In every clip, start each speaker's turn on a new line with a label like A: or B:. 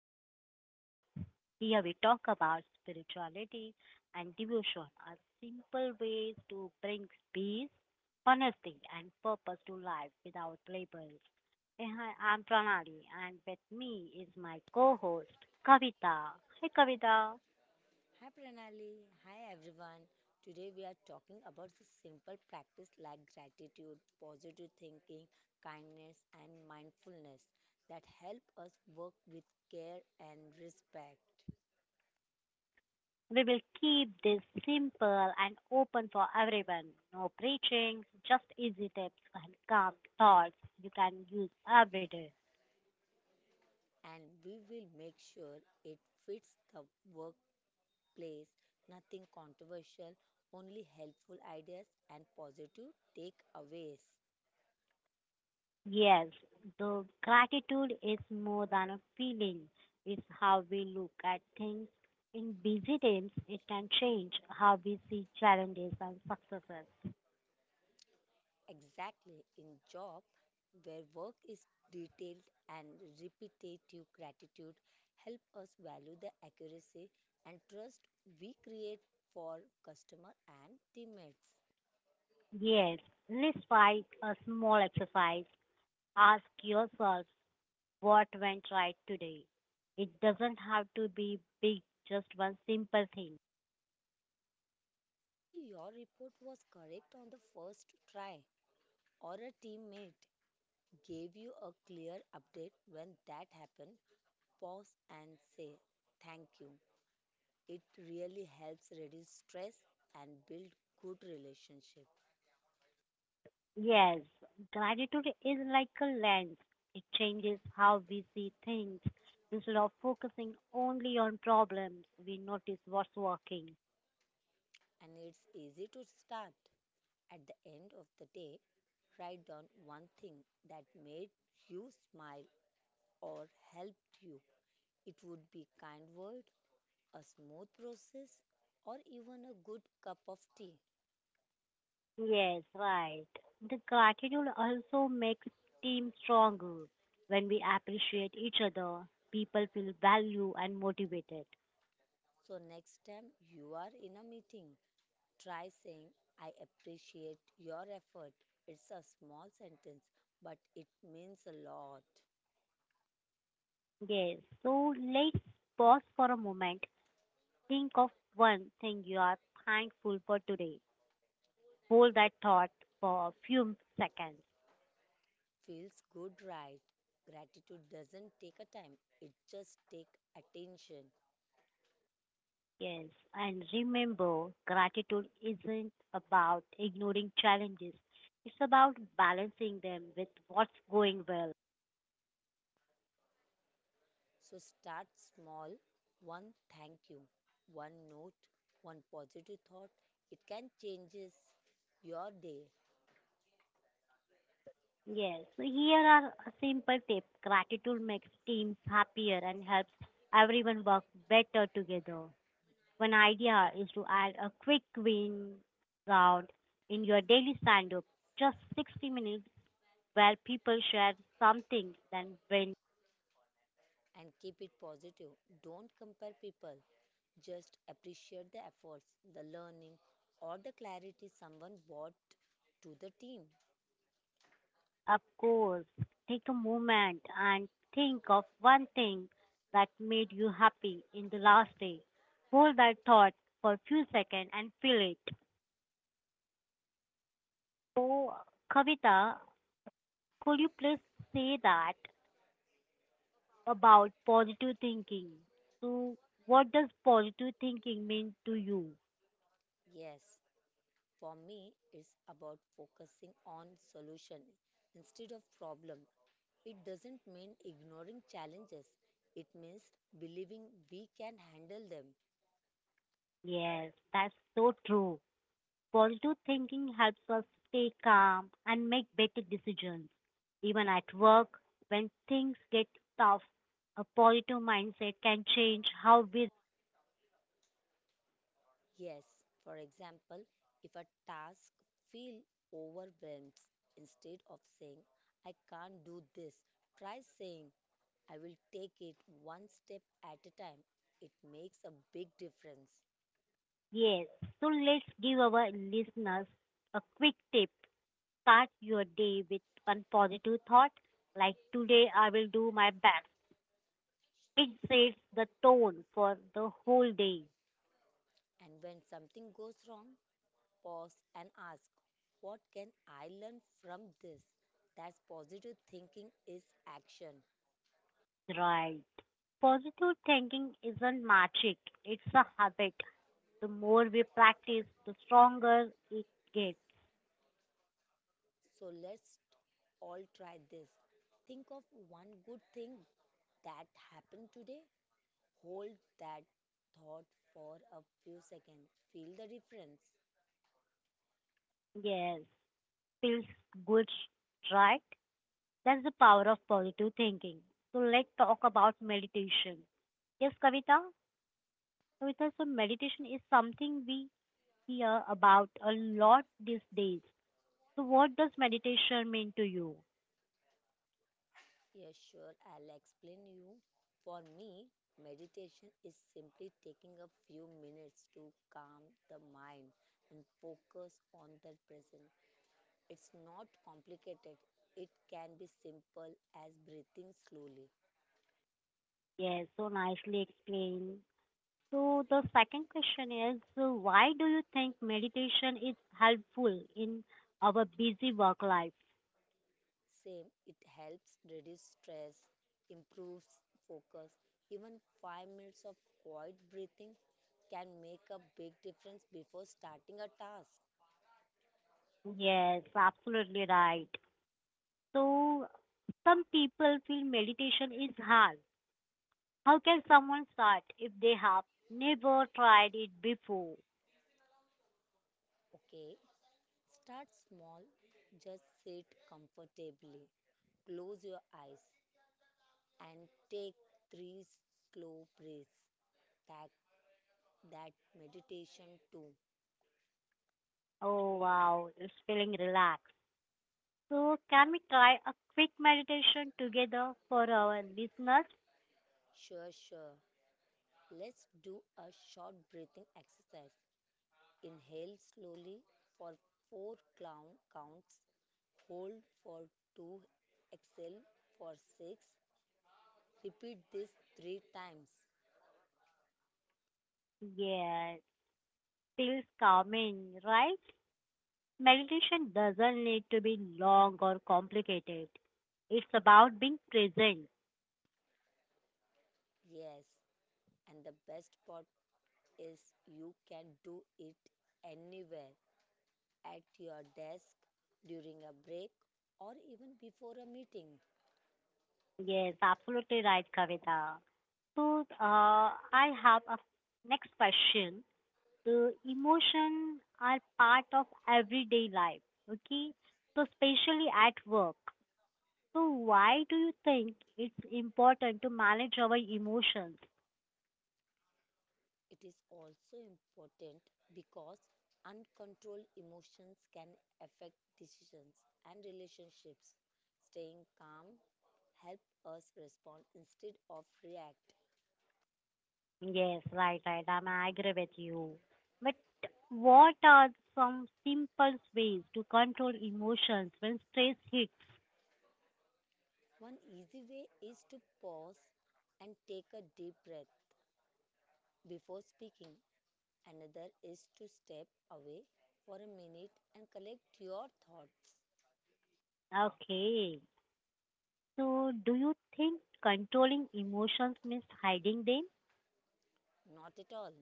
A: Strength at Work. Here we talk about spirituality and devotion as simple ways to bring peace, honesty, and purpose to life without labels. Hey, Hi, I'm Pranali, and with me is my co host, Kavita. Hey, Kavita.
B: Hi Pranali, hi everyone. Today we are talking about the simple practice like gratitude, positive thinking, kindness and mindfulness that help us work with care and respect.
A: We will keep this simple and open for everyone. No preaching, just easy tips and calm thoughts you can use every day.
B: And we will make sure it fits the workplace, nothing controversial, only helpful ideas and positive takeaways.
A: Yes, the gratitude is more than a feeling. It's how we look at things. In busy times, it can change how we see challenges and successes.
B: Exactly, in job where work is detailed and repetitive gratitude help us value the accuracy and trust we create for customer and teammates.
A: Yes, let's try a small exercise. Ask yourself what went right today. It doesn't have to be big, just one simple thing.
B: Maybe your report was correct on the first try or a teammate gave you a clear update when that happened. Pause and say thank you. It really helps reduce stress and build good relationship.
A: Yes, gratitude is like a lens. It changes how we see things. Instead of focusing only on problems, we notice what's working.
B: And it's easy to start. At the end of the day, write down one thing that made you smile or helped you. It would be kind word, a smooth process, or even a good cup of tea.
A: Yes, right. The gratitude also makes team stronger. When we appreciate each other, people feel valued and motivated.
B: So next time you are in a meeting, try saying I appreciate your effort. It's a small sentence, but it means a lot.
A: Yes, so let's pause for a moment. Think of one thing you are thankful for today. Hold that thought for a few seconds.
B: Feels good, right? Gratitude doesn't take a time, it just take attention.
A: Yes, and remember, gratitude isn't about ignoring challenges. It's about balancing them with what's going well.
B: So start small, one thank you, one note, one positive thought. It can changes your day.
A: Yes, so here are a simple tip. Gratitude makes teams happier and helps everyone work better together. One idea is to add a quick win round in your daily stand up, just 60 minutes, where people share something, then win.
B: And keep it positive, don't compare people, just appreciate the efforts, the learning, or the clarity someone brought to the team.
A: Of course, take a moment and think of one thing that made you happy in the last day. Hold that thought for a few seconds and feel it. So, Kavita, could you please say that about positive thinking? So, what does positive thinking mean to you?
B: Yes. For me, it's about focusing on solution instead of problem. It doesn't mean ignoring challenges. It means believing we can handle them.
A: Yes, that's so true. Positive thinking helps us stay calm and make better decisions. Even at work, when things get tough, a positive mindset can change how we.
B: Yes, for example, if a task feel overwhelmed, instead of saying I can't do this, try saying I will take it one step at a time. It makes a big difference.
A: Yes. So let's give our listeners a quick tip. Start your day with one positive thought, like today I will do my best. It sets the tone for the whole day.
B: And when something goes wrong, pause and ask, what can I learn from this? That's positive thinking is action.
A: Right. Positive thinking isn't magic, it's a habit. The more we practice, the stronger it gets.
B: So let's all try this. Think of one good thing that happened today. Hold that thought for a few seconds. Feel the difference.
A: Yes, feels good, right? That's the power of positive thinking. So let's talk about meditation. Yes, Kavita? Kavita, so meditation is something we hear about a lot these days. So what does meditation mean to you?
B: Yes, sure, I'll explain you. For me, meditation is simply taking a few minutes to calm the mind and focus on the present. It's not complicated. It can be simple as breathing slowly.
A: Yes, so nicely explained. So the second question is, so why do you think meditation is helpful in our busy work life?
B: Same, it helps reduce stress, improves focus. Even 5 minutes of quiet breathing can make a big difference before starting a task.
A: Yes, absolutely right. So, some people feel meditation is hard. How can someone start if they have never tried it before?
B: Okay, start small. Just sit comfortably. Close your eyes and take 3 slow breaths. That, that meditation too.
A: Oh, wow, it's feeling relaxed. So, can we try a quick meditation together for our listeners?
B: Sure, sure. Let's do a short breathing exercise. Inhale slowly for 4 clown counts, hold for 2, exhale for 6. Repeat this 3 times.
A: Yes, feels calming, right? Meditation doesn't need to be long or complicated. It's about being present.
B: Yes, and the best part is you can do it anywhere, at your desk, during a break, or even before a meeting.
A: Yes, absolutely right, Kavita. So, I have a next question. The emotion are part of everyday life, okay? So, especially at work. So, why do you think it's important to manage our emotions?
B: It is also important because uncontrolled emotions can affect decisions and relationships. Staying calm helps us respond instead of react.
A: Yes, right, right. I agree with you. But what are some simple ways to control emotions when stress hits?
B: One easy way is to pause and take a deep breath before speaking. Another is to step away for a minute and collect your thoughts.
A: Okay. So do you think controlling emotions means hiding them?
B: Not at all.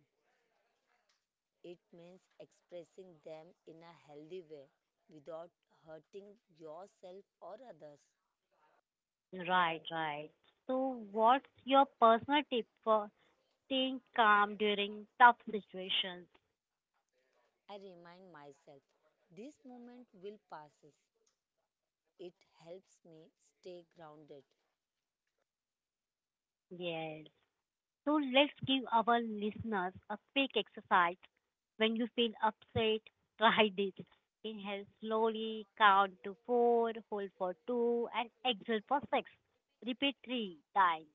B: It means expressing them in a healthy way without hurting yourself or others.
A: Right, right. So what's your personal tip for staying calm during tough situations?
B: I remind myself this moment will pass. It helps me stay grounded.
A: Yes. So let's give our listeners a quick exercise. When you feel upset, try this. Inhale slowly, count to four, hold for two, and exhale for six. Repeat three times.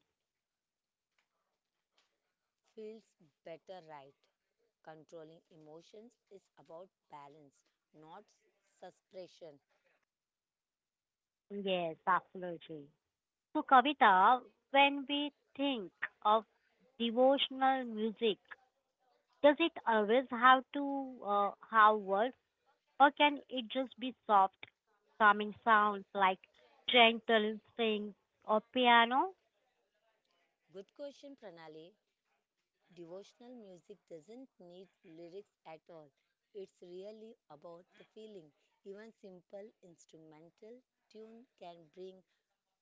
B: Feels better, right? Controlling emotions is about balance, not suppression.
A: Yes, absolutely. So, Kavita, when we think of devotional music, does it always have to have words, or can it just be soft, calming sounds like gentle strings or piano?
B: Good question, Pranali. Devotional music doesn't need lyrics at all. It's really about the feeling. Even simple instrumental tune can bring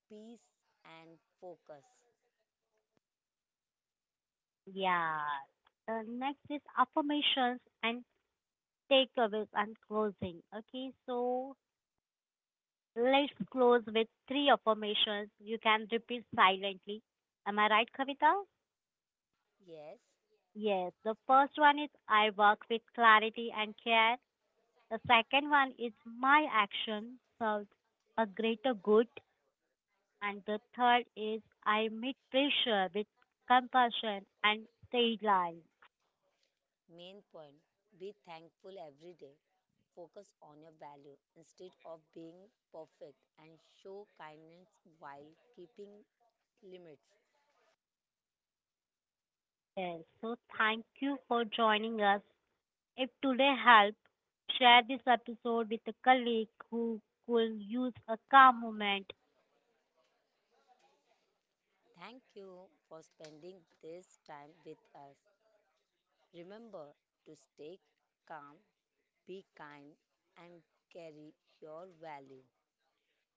B: peace and focus.
A: Yeah. Next is affirmations and takeaways and closing. Okay, so let's close with three affirmations. You can repeat silently. Am I right, Kavita?
B: Yes,
A: Yes, the first one is I work with clarity and care. The second one is my action serves a greater good. And the third is I meet pressure with compassion and say lies.
B: main point, be thankful every day. Focus on your value instead of being perfect and show kindness while keeping limits.
A: Yes, so thank you for joining us. If today helped, share this episode with a colleague who could use a calm moment.
B: Thank you for spending this time with us. Remember to stay calm, be kind, and carry your value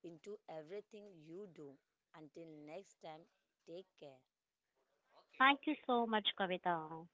B: into everything you do. Until next time, take care.
A: Thank you so much, Kavita.